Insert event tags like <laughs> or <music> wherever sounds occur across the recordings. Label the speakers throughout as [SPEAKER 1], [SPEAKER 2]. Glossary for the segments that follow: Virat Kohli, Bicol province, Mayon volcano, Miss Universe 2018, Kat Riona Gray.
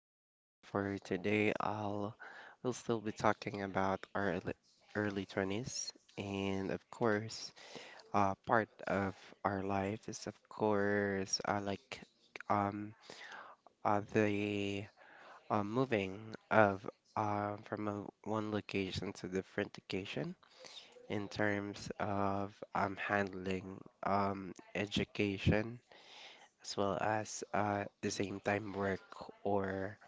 [SPEAKER 1] And for today, I'll we'll still be talking about our early 20s, and of course, part of our life is of course like um the moving of from one location to different location in terms of handling education as well as the same time work or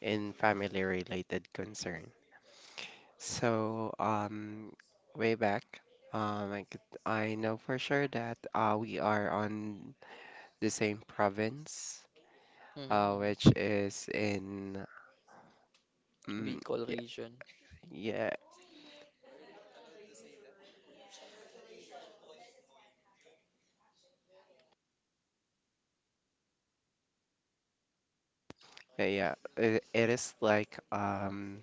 [SPEAKER 1] in family related concern. So way back, I know for sure that we are on the same province,
[SPEAKER 2] Mm-hmm, mm-hmm.
[SPEAKER 1] which is in mm
[SPEAKER 2] Bicol
[SPEAKER 1] yeah,
[SPEAKER 2] region.
[SPEAKER 1] yeah, yeah, yeah. It is like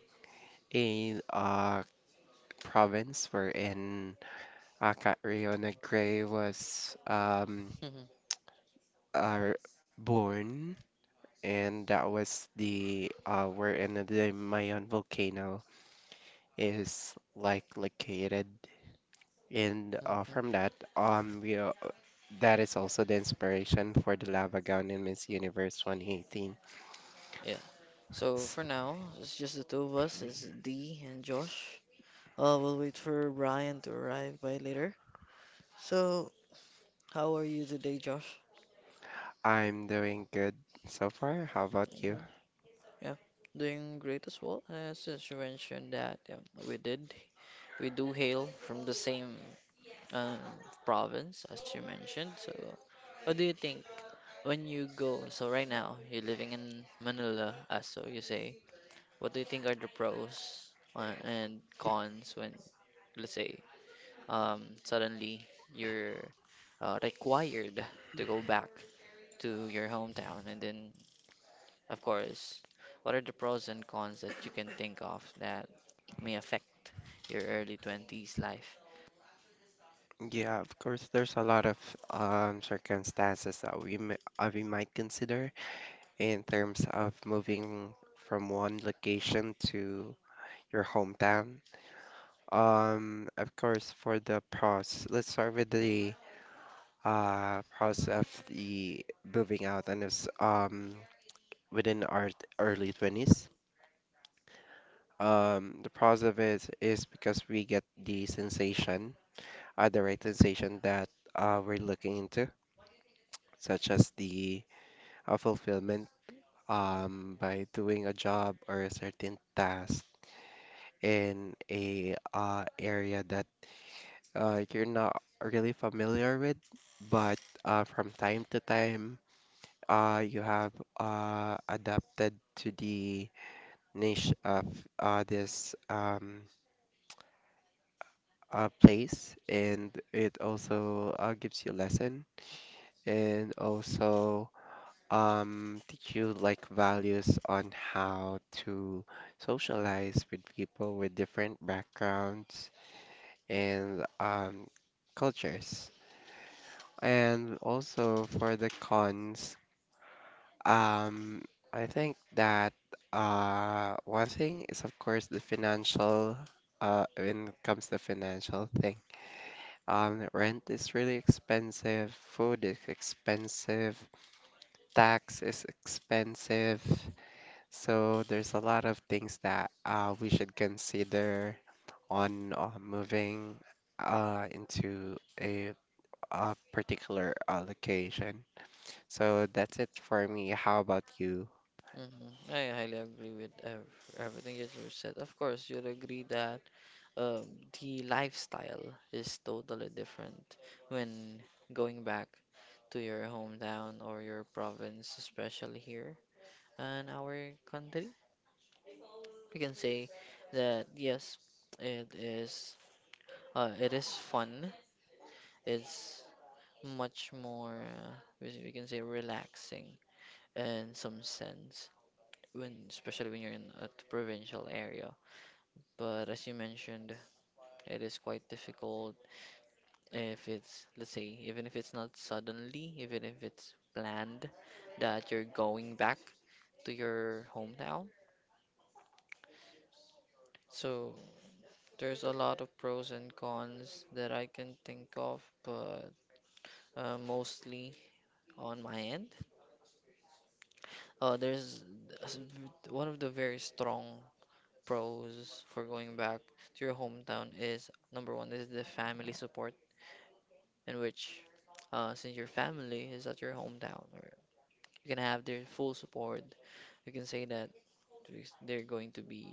[SPEAKER 1] a province wherein Kat Riona Gray was
[SPEAKER 2] Mm-hmm,
[SPEAKER 1] uh, born, and that was the we in the Mayon volcano is like located, and from
[SPEAKER 2] mm-hmm.
[SPEAKER 1] that we that is also the inspiration for the lava gown in Miss Universe 2018.
[SPEAKER 2] Yeah. So
[SPEAKER 1] S-
[SPEAKER 2] for now, it's just the two of us. It's Dee and Josh. We'll wait for Brian to arrive by later. So, how are you today, Josh?
[SPEAKER 1] I'm doing good so far. How about you?
[SPEAKER 2] Hmm. Yeah, doing great as well. Since you mentioned that, yeah, we did. We do hail from the same um, province as you mentioned. So, what do you think when you go? So right now, you're living in Manila, as so you say. What do you think are the pros and cons when, let's say, suddenly you're required to go back to your hometown? And then, of course, what are the pros and cons that you can think of that may affect your early 20s life?
[SPEAKER 1] Yeah, of course, there's a lot of circumstances that we might consider in terms of moving from one location to your hometown. Of course, for the pros, let's start with the pros of the moving out, and it's within our early 20s. The pros of it is because we get the sensation, the right sensation that we're looking into, such as the fulfillment by doing a job or a certain task in a area that you're not really familiar with, but from time to time, you have adapted to the niche of this place, and it also gives you lesson and also teach you like values on how to socialize with people with different backgrounds and cultures. And also for the cons, um, I think that one thing is of course the financial, when it comes to financial thing. Rent is really expensive, food is expensive, tax is expensive. So there's a lot of things that we should consider on moving into a particular location. So that's it for me. How about you?
[SPEAKER 2] Mm-hmm. I highly agree with ev everything that you said. Of course, you'll agree that um, the lifestyle is totally different when going back to your hometown or your province, especially here in our country. We can say that yes, it is it is fun. It's much more we can say relaxing in some sense when especially when you're in a provincial area. But as you mentioned, it is quite difficult if it's, let's say, even if it's not suddenly, even if it's planned that you're going back to your hometown. So there's a lot of pros and cons that I can think of, but mostly on my end. Uh, there's s- One of the very strong pros for going back to your hometown is number one is the family support, in which since your family is at your hometown, or you can have their full support. You can say that they're going to be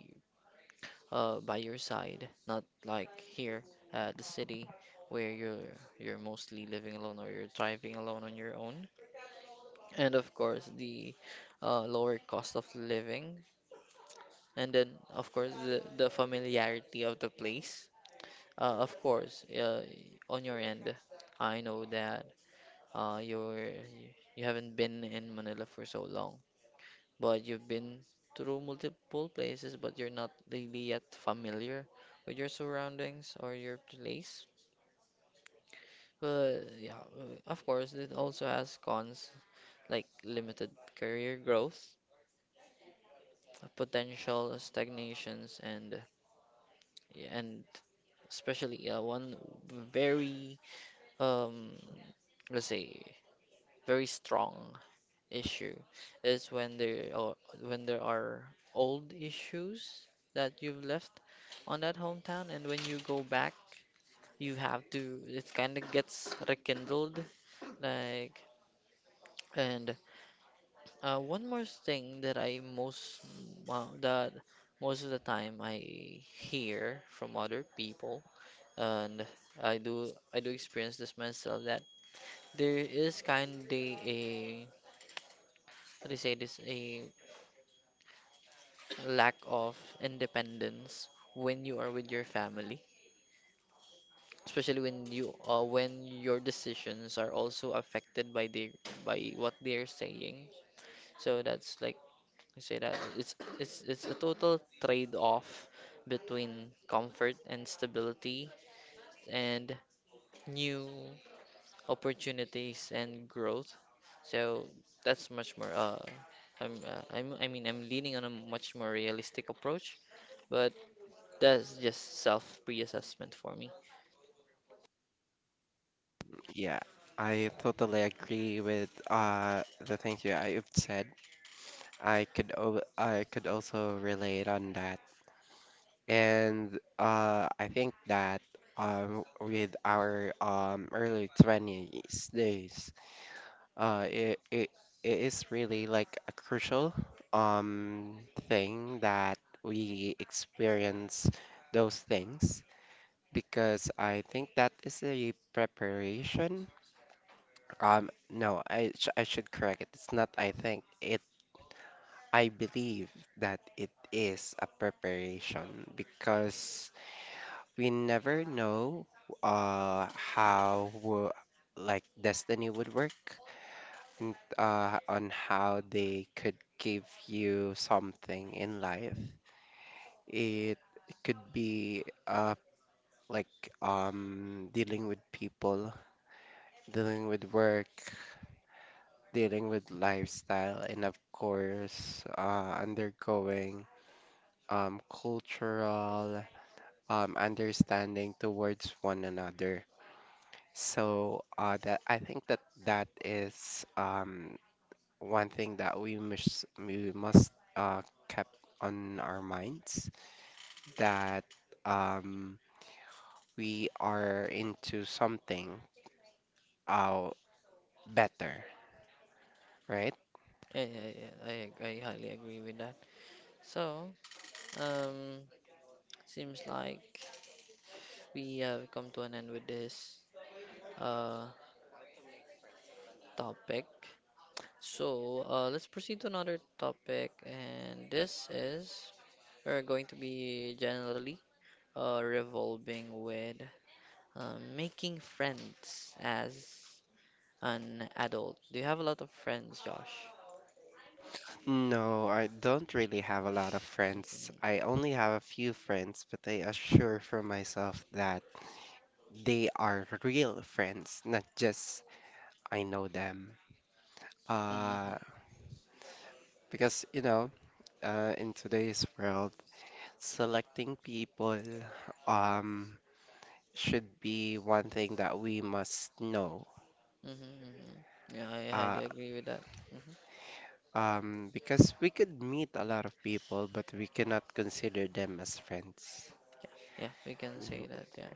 [SPEAKER 2] by your side, not like here at the city where you're mostly living alone or you're driving alone on your own. And of course, the lower cost of living, and then of course the familiarity of the place. Of course, on your end, I know that uh, you're you haven't been in Manila for so long, but you've been through multiple places, but you're not really yet familiar with your surroundings or your place. But yeah, of course, it also has cons like limited career growth, potential stagnations, and yeah, and especially one very um let's say very strong issue is when there are old issues that you've left on that hometown, and when you go back you have to, it kind of gets rekindled. Like, and one more thing that I most well, that most of the time I hear from other people, and I do experience this myself, that there is kind of a, how do you say this, a lack of independence when you are with your family, especially when you when your decisions are also affected by the, by what they're saying. So that's like, I say that it's a total trade off between comfort and stability and new opportunities and growth. So that's much more I mean I'm leaning on a much more realistic approach. But that's just self pre-assessment for me.
[SPEAKER 1] Yeah, I totally agree with the things you I've said. I could o I could also relate on that. And I think that with our early 20s days, uh it it, it is really like a crucial um thing that we experience those things, because I think that is a preparation. No, I should correct it. It's not I think. It I believe that it is a preparation, because we never know how like destiny would work and on how they could give you something in life. It could be like dealing with people, dealing with work, dealing with lifestyle, and of course, undergoing cultural understanding towards one another. So that I think that is one thing that we must kept on our minds that um, we are into something uh, better, right?
[SPEAKER 2] Yeah, yeah, yeah. I highly agree with that. So, um, seems like we have come to an end with this uh topic. So, let's proceed to another topic, and this is, we're going to be generally revolving with making friends as an adult. Do you have a lot of friends, Josh?
[SPEAKER 1] No, I don't really have a lot of friends. I only have a few friends, but I assure for myself that they are real friends, not just I know them.
[SPEAKER 2] Hmm.
[SPEAKER 1] Uh, because you know, in today's world, selecting people um should be one thing that we must know.
[SPEAKER 2] Mm-hmm, mm-hmm. Yeah, I
[SPEAKER 1] Uh,
[SPEAKER 2] highly agree with that. Mm-hmm.
[SPEAKER 1] because we could meet a lot of people, but we cannot consider them as friends.
[SPEAKER 2] Yeah, we can say that. Yeah.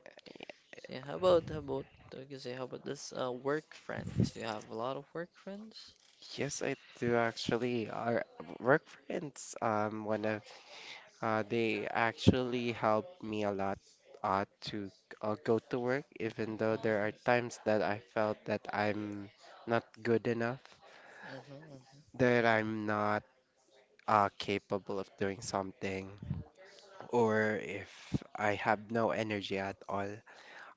[SPEAKER 2] So, yeah, how about, how about we can say, how about this work friends? Do you have a lot of work friends?
[SPEAKER 1] Yes, I do actually. Our work friends, they actually help me a lot, to go to work, even though
[SPEAKER 2] Mm-hmm,
[SPEAKER 1] there are
[SPEAKER 2] mm-hmm,
[SPEAKER 1] times that I felt that I'm not good enough,
[SPEAKER 2] mm-hmm, mm-hmm.
[SPEAKER 1] that I'm not, capable of doing something, or if I have no energy at all.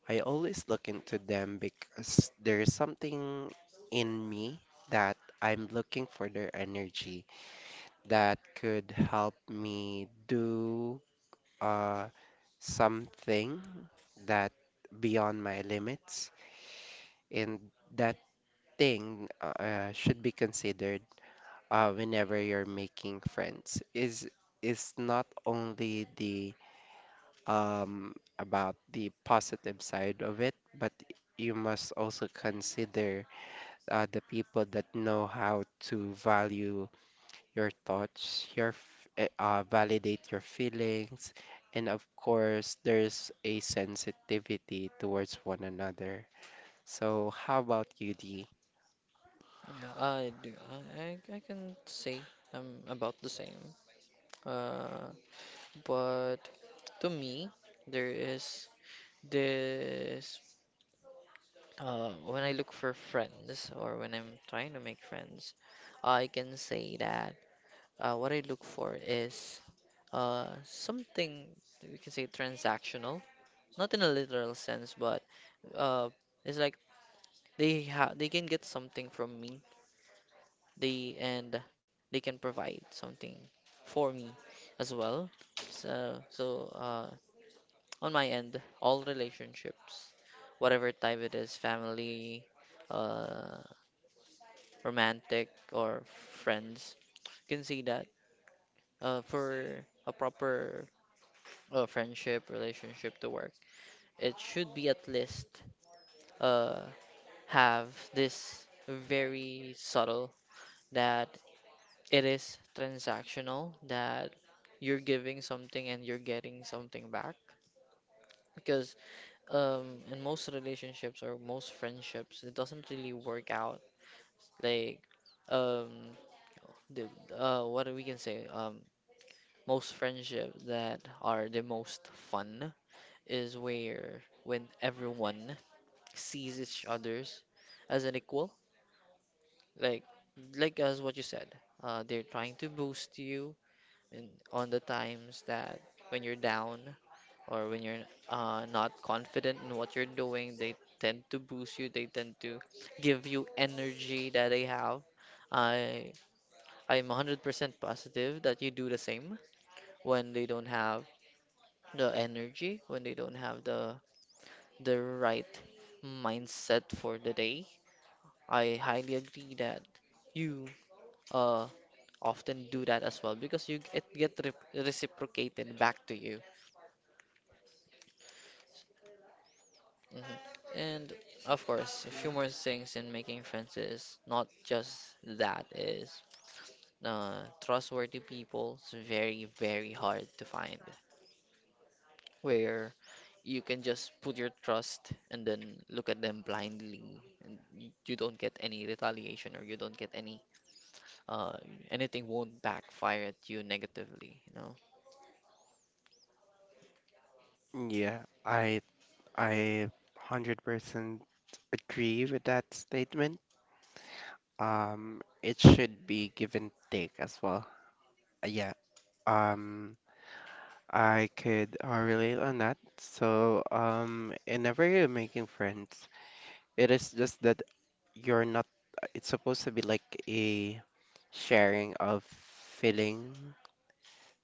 [SPEAKER 1] I always look into them because there is something in me that I'm looking for their energy that could help me do uh, something that beyond my limits. And that thing should be considered whenever you're making friends is not only the about the positive side of it, but you must also consider the people that know how to value your thoughts, your validate your feelings, and of course, there's a sensitivity towards one another. So, how about you, D?
[SPEAKER 2] Yeah, I do. I can say I'm about the same. Uh, but to me, there is this. When I look for friends or when I'm trying to make friends, I can say that what I look for is something that we can say transactional, not in a literal sense, but uh, it's like they can get something from me. They and they can provide something for me as well. So on my end, all relationships, whatever type it is, family, uh, romantic or friends, you can see that for a proper friendship, relationship to work, it should be at least uh, have this very subtle that it is transactional, that you're giving something and you're getting something back. Because in most relationships or most friendships, it doesn't really work out. Like, um, the, what we can say, most friendships that are the most fun is where, when everyone sees each others as an equal, like like as what you said, they're trying to boost you in, on the times that when you're down or when you're not confident in what you're doing, they tend to boost you, they tend to give you energy that they have. I i'm 100% positive that you do the same when they don't have the energy, when they don't have the right mindset for the day. I highly agree that you uh, often do that as well because you it get reciprocated back to you. Hmm. And of course, a few more things in making friends is not just that, is trustworthy people. It's very, very hard to find where you can just put your trust and then look at them blindly and you don't get any retaliation, or you don't get any uh anything, won't backfire at you negatively, you know.
[SPEAKER 1] Yeah, I 100% agree with that statement. It should be give and take as well. Yeah, um, I could relate on that. So, whenever you're making friends, it is just that you're not it's supposed to be like a sharing of feeling,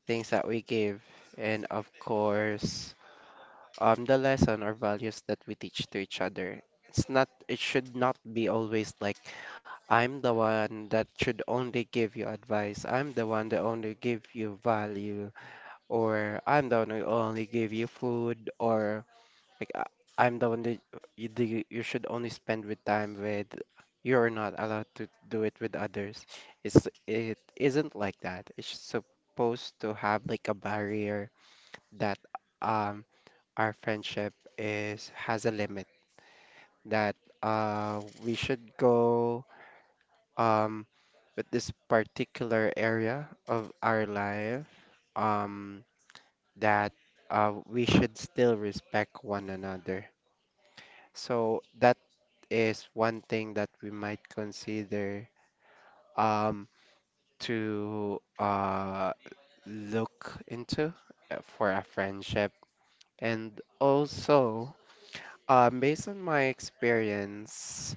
[SPEAKER 1] things that we give, and of course the lesson or values that we teach to each other. It's not, it should not be always like I'm the one that should only give you advice, I'm the one that only give you value, or I'm the one who only give you food, or like I'm the one that you should only spend with time with. You're not allowed to do it with others. It's it isn't like that. It's supposed to have like a barrier that um our friendship is has a limit that we should go um with this particular area of our life um that we should still respect one another. So that is one thing that we might consider um, to look into for a friendship. And also, based on my experience,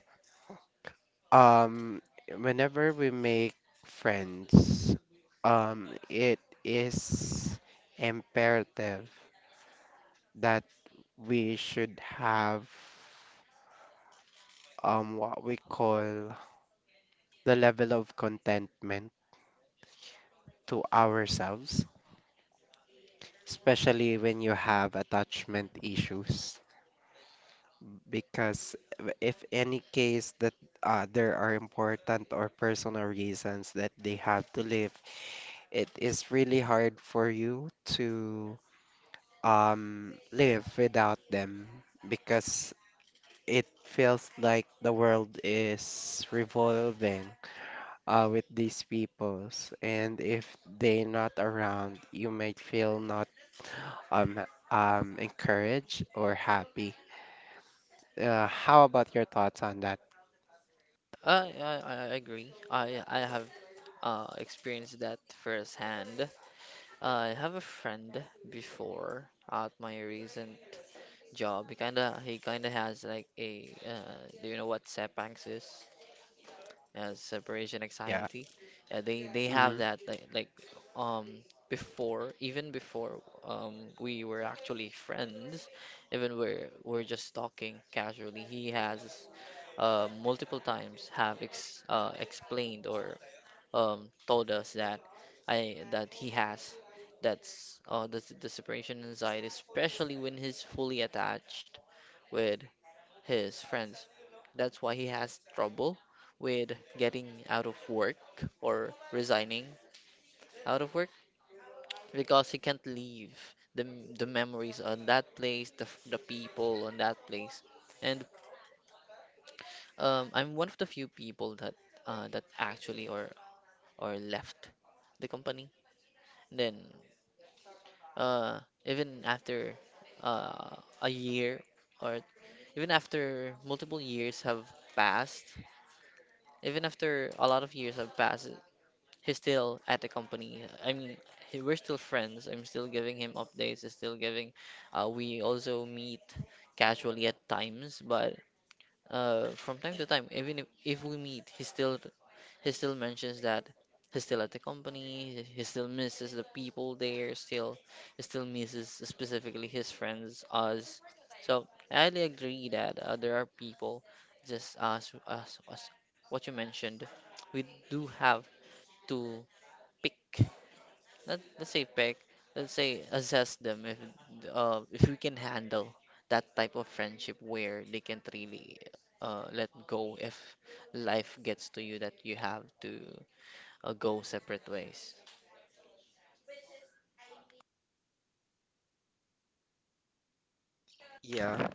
[SPEAKER 1] um, whenever we make friends, it is imperative that we should have what we call the level of contentment to ourselves, especially when you have attachment issues. Because if any case that there are important or personal reasons that they have to live, it is really hard for you to live without them, because it feels like the world is revolving with these peoples, and if they're not around, you might feel not um, encouraged or happy. How about your thoughts on that?
[SPEAKER 2] I agree. I have experienced that firsthand. I have a friend before at my recent job. He kinda has like a do you know what Sepangs is? Yeah, separation
[SPEAKER 1] Yeah.
[SPEAKER 2] anxiety. Yeah, they have
[SPEAKER 1] Hmm.
[SPEAKER 2] that, um before, even before we were actually friends, even we're just talking casually. He has multiple times have ex explained or told us that I that he has, that's the separation anxiety, especially when he's fully attached with his friends. That's why he has trouble with getting out of work or resigning out of work, because he can't leave the, the memories on that place, the, the people on that place. And I'm one of the few people that actually or left the company. Then even after a year, or even after multiple years have passed, even after a lot of years have passed, he's still at the company. I mean, we're still friends. I'm still giving him updates. He's still giving. We also meet casually at times, but from time to time, even if we meet, he still mentions that he's still at the company. He still misses the people there. He still misses specifically his friends, us. So I highly agree that there are people, just as as what you mentioned. We do have to pick not the safe pick. Let's say assess them if we can handle that type of friendship where they can't really let go if life gets to you that you have to go separate ways.
[SPEAKER 1] Yeah.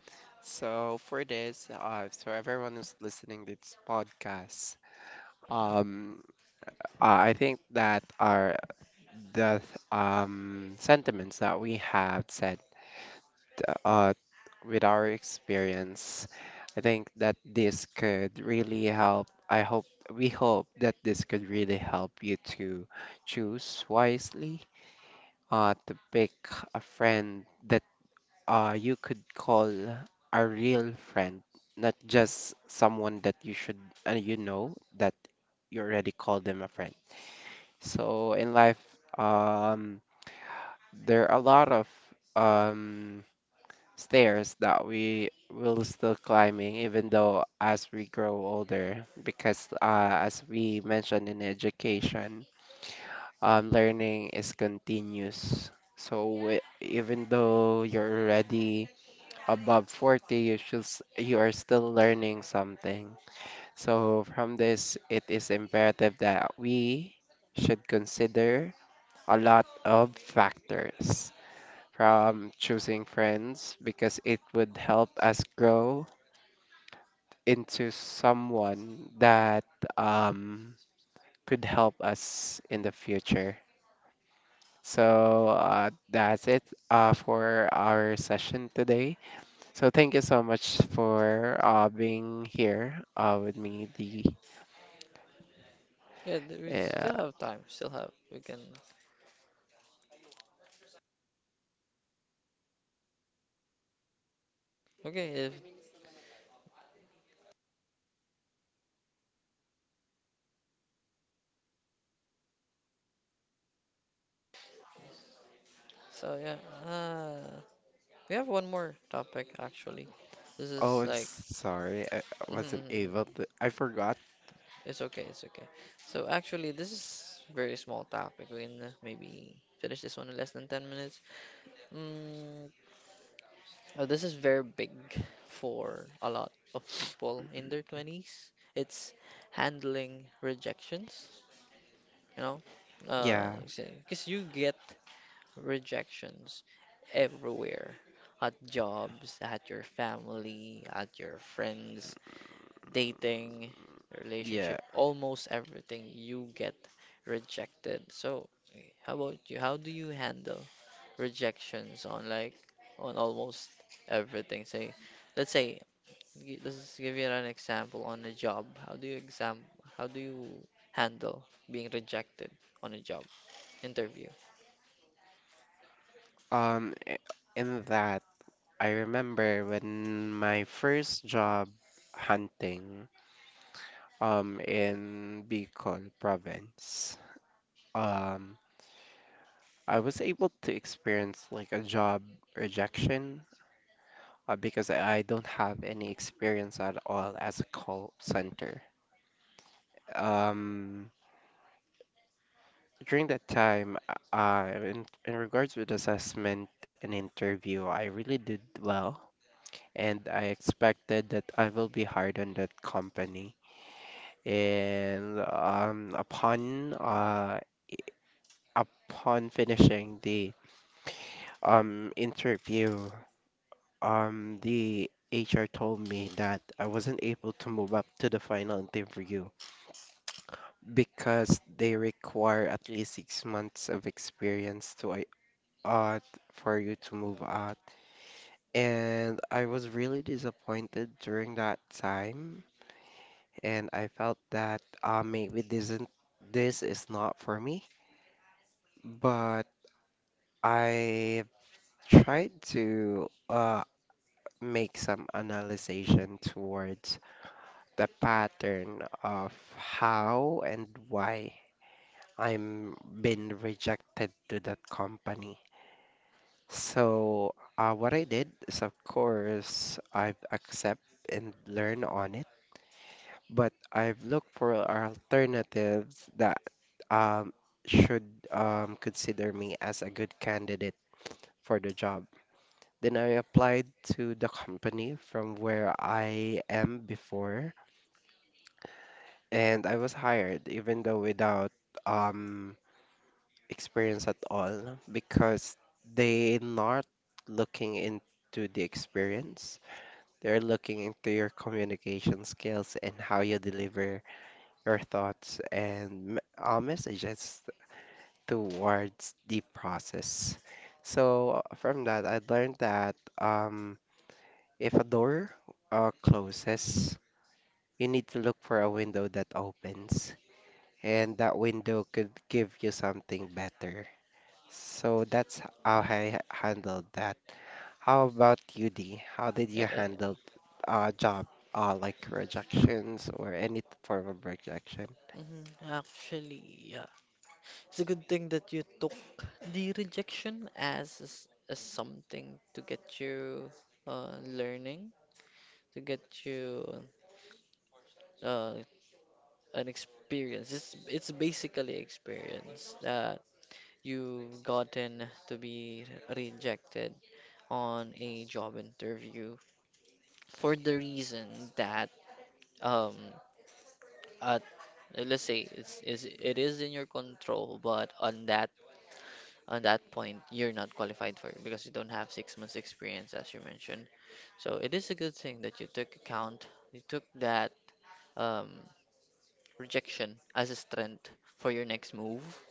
[SPEAKER 1] So for this, so everyone who's listening to this podcast, um, I think that are the sentiments that we have said uh, with our experience. I think that this could really help. I hope we hope that this could really help you to choose wisely to pick a friend that you could call a real friend, not just someone that you know that you already call them a friend. So in life, um, there are a lot of um, stairs that we will still climbing, even though as we grow older, because as we mentioned in education, learning is continuous. So even though you're already above 40, you are still learning something. So from this, it is imperative that we should consider a lot of factors from choosing friends, because it would help us grow into someone that um, could help us in the future. So that's it for our session today. So thank you so much for being here with me. The
[SPEAKER 2] Yeah, we still
[SPEAKER 1] uh,
[SPEAKER 2] have time. Still have we can. Okay, if so, yeah. We have one more topic actually. This
[SPEAKER 1] oh,
[SPEAKER 2] is
[SPEAKER 1] I'm
[SPEAKER 2] like
[SPEAKER 1] sorry, I wasn't able to.
[SPEAKER 2] <laughs>
[SPEAKER 1] I forgot.
[SPEAKER 2] it's okay, it's okay. So actually, this is very small topic. We can maybe finish this one in less than 10 minutes. Mm, this is very big for a lot of people in their 20s. It's handling rejections, you know? Uh,
[SPEAKER 1] Yeah,
[SPEAKER 2] because you get rejections everywhere. At jobs, at your family, at your friends, dating, relationship,
[SPEAKER 1] yeah.
[SPEAKER 2] almost everything you get rejected. So, eh, how about you? How do you handle rejections on, like, on almost everything? Say, let's say, let's give you an example on a job. How do you exam? How do you handle being rejected on a job interview?
[SPEAKER 1] Um, i- in that, I remember when my first job hunting in Bicol province. Um, I was able to experience like a job rejection because I don't have any experience at all as a call center. Um, during that time, in regards with assessment and interview, I really did well, and I expected that I will be hired on that company. And upon finishing the interview, the HR told me that I wasn't able to move up to the final interview because they require at least 6 months of experience out for you to move out. And I was really disappointed during that time, and I felt that maybe this isn't this is not for me. But I tried to make some analysis towards the pattern of how and why I'm been rejected to that company. So, what I did is, of course, I've accept and learn on it, but I've looked for alternatives that um, should consider me as a good candidate for the job. Then I applied to the company from where I am before, and I was hired, even though without um, experience at all, because they not looking into the experience. They're looking into your communication skills and how you deliver your thoughts and messages towards the process. So from that, I learned that if a door closes, you need to look for a window that opens, and that window could give you something better. So that's how I handled that. How about you, D? How did you
[SPEAKER 2] Yeah.
[SPEAKER 1] handle job like rejections or any form of rejection?
[SPEAKER 2] Mm-hmm. Actually, yeah. It's a good thing that you took the rejection as, as something to get you learning, to get you uh, an experience. It's basically experience that you've gotten to be rejected on a job interview for the reason that um at, let's say, it's is it is in your control, but on that point you're not qualified for it because you don't have 6 months experience as you mentioned. So it is a good thing that you took account, you took that um, rejection as a strength for your next move,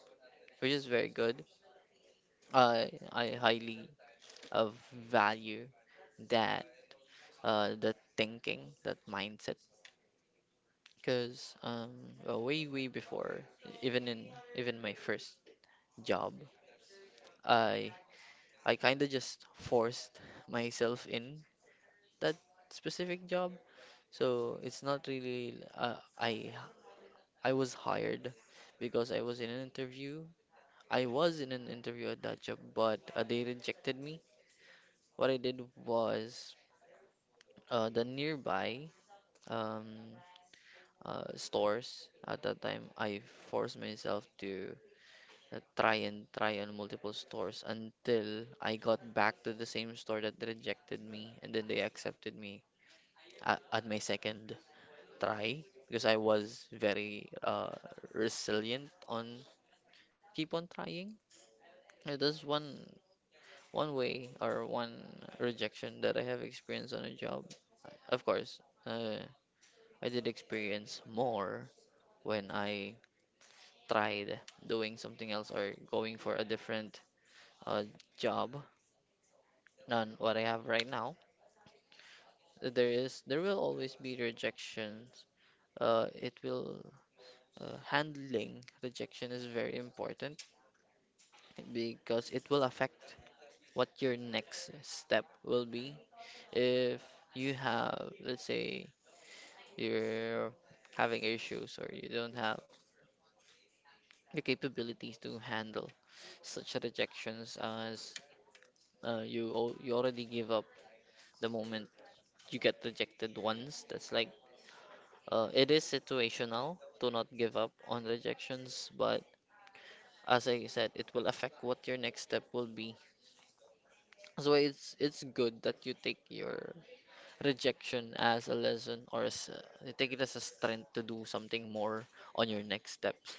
[SPEAKER 2] which is very good. I highly uh, value that that thinking, that mindset, because well, way before, even in even my first job, i I kind of just forced myself in that specific job. So it's not really I was hired because I was in an interview. I was in an interview at that job, but they rejected me. What I did was the nearby um, stores at that time. I forced myself to try and try on multiple stores until I got back to the same store that rejected me, and then they accepted me at my second try, because I was very resilient on keep on trying. Yeah, that's one way or one rejection that I have experienced on a job. Of course, uh, I did experience more when I tried doing something else or going for a different uh, job than what I have right now. There will always be rejections. It will Handling rejection is very important because it will affect what your next step will be. If you have, let's say, you're having issues or you don't have the capabilities to handle such rejections, as you already give up the moment you get rejected once. That's like it is situational to not give up on rejections, but as I said, it will affect what your next step will be. So it's good that you take your rejection as a lesson or as a, you take it as a strength to do something more on your next steps.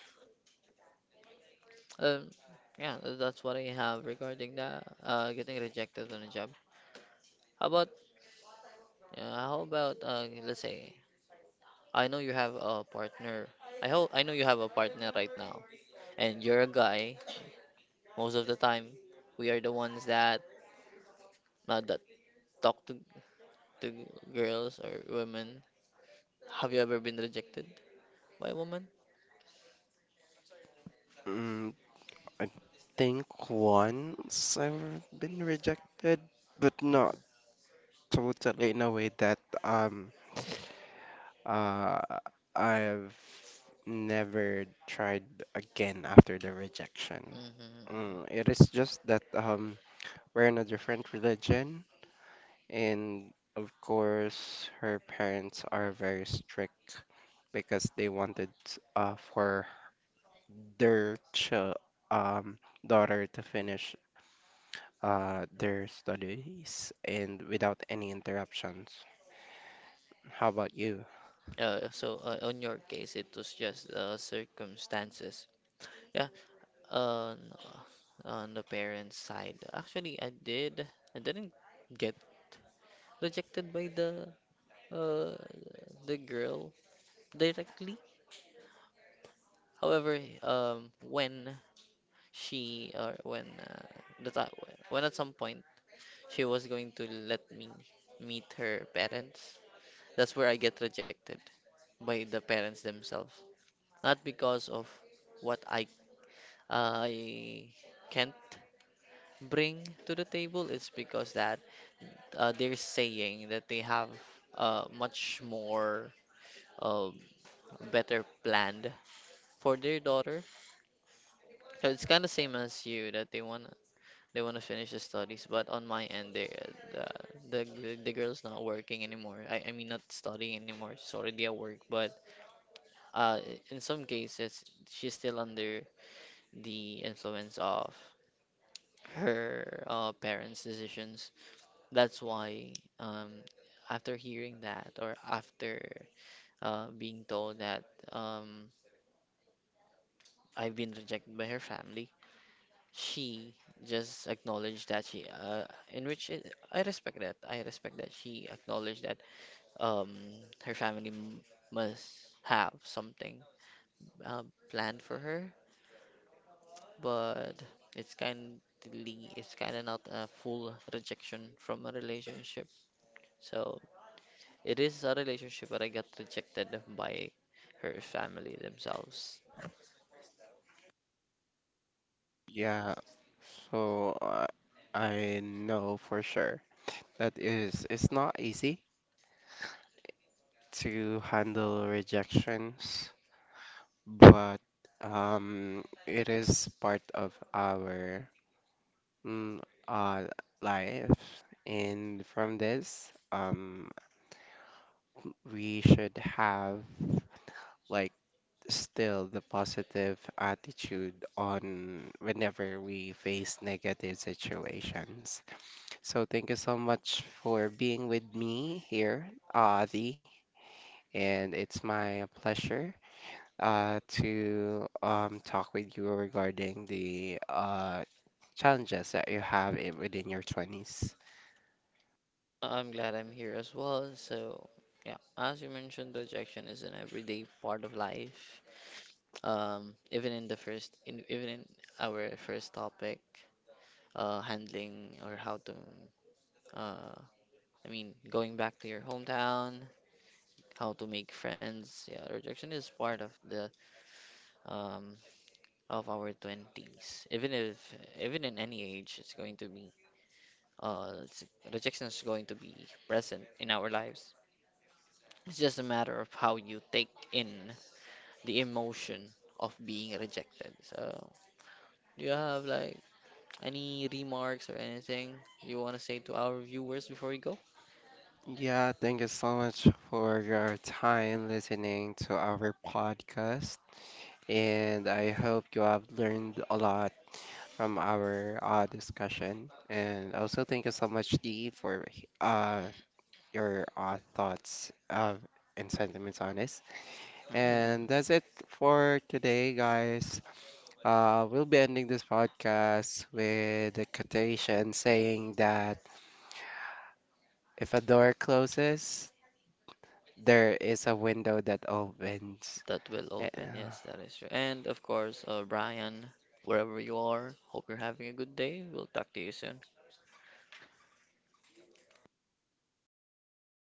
[SPEAKER 2] Um, yeah, that's what I have regarding that. Getting rejected on a job. How about let's say, I know you have a partner. I hope, I know you have a partner right now, and you're a guy. Most of the time, we are the ones that uh, that talk to to girls or women. Have you ever been rejected by a woman?
[SPEAKER 1] Mm, I think once I've been rejected, but not totally in a way that uh I've never tried again after the rejection.
[SPEAKER 2] Hmm.
[SPEAKER 1] Mm, it is just that we're in a different religion. And of course, her parents are very strict because they wanted for their ch um, daughter to finish their studies and without any interruptions. How about you?
[SPEAKER 2] On your case, it was just circumstances. Yeah. On on the parents' side, actually, I did. I didn't get rejected by uh the girl directly. However, when she, or when the ti- at some point she was going to let me meet her parents, that's where I get rejected by the parents themselves. Not because of what I can't bring to the table. Is because that they're saying that they have much more um, better planned for their daughter. So it's kind of same as you, that they wanna, they wanna finish the studies, but on my end, they, uh, the, the girl's not working anymore. I mean, not studying anymore. She's already at work, but uh, in some cases she's still under the influence of her parents' decisions. That's why um, after hearing that, or after being told that um, I've been rejected by her family, she just acknowledged that she, in which it, I respect that. I respect that she acknowledged that um, her family must have something uh, planned for her, but it's kind it's kind of not a full rejection from a relationship. So it is a relationship, but I got rejected by her family themselves.
[SPEAKER 1] Yeah, so I know for sure that is it's not easy to handle rejections, but it is part of our mm, our life. And from this, we should have like still the positive attitude on whenever we face negative situations. So thank you so much for being with me here, Adi, and it's my pleasure to talk with you regarding the challenges that you have within your 20s.
[SPEAKER 2] I'm glad I'm here as well. So, yeah, as you mentioned, rejection is an everyday part of life. Even in the first, in, even in our first topic, handling or how to, uh, I mean, going back to your hometown, how to make friends. Yeah, rejection is part of the um of our 20s. Even if even in any age, it's going to be uh, it's- rejection is going to be present in our lives. It's just a matter of how you take in the emotion of being rejected. So, do you have like any remarks or anything you want to say to our viewers before we go?
[SPEAKER 1] Yeah, thank you so much for your time listening to our podcast. And I hope you have learned a lot from our discussion. And also, thank you so much, Dee, for uh, your thoughts and sentiments on this. And that's it for today, guys. We'll be ending this podcast with a quotation saying that if a door closes, there is a window that opens.
[SPEAKER 2] That will
[SPEAKER 1] Eh,
[SPEAKER 2] open.
[SPEAKER 1] uh,
[SPEAKER 2] Yes, that is true. And of course, Brian, wherever you are, hope you're having a good day. We'll talk to you soon.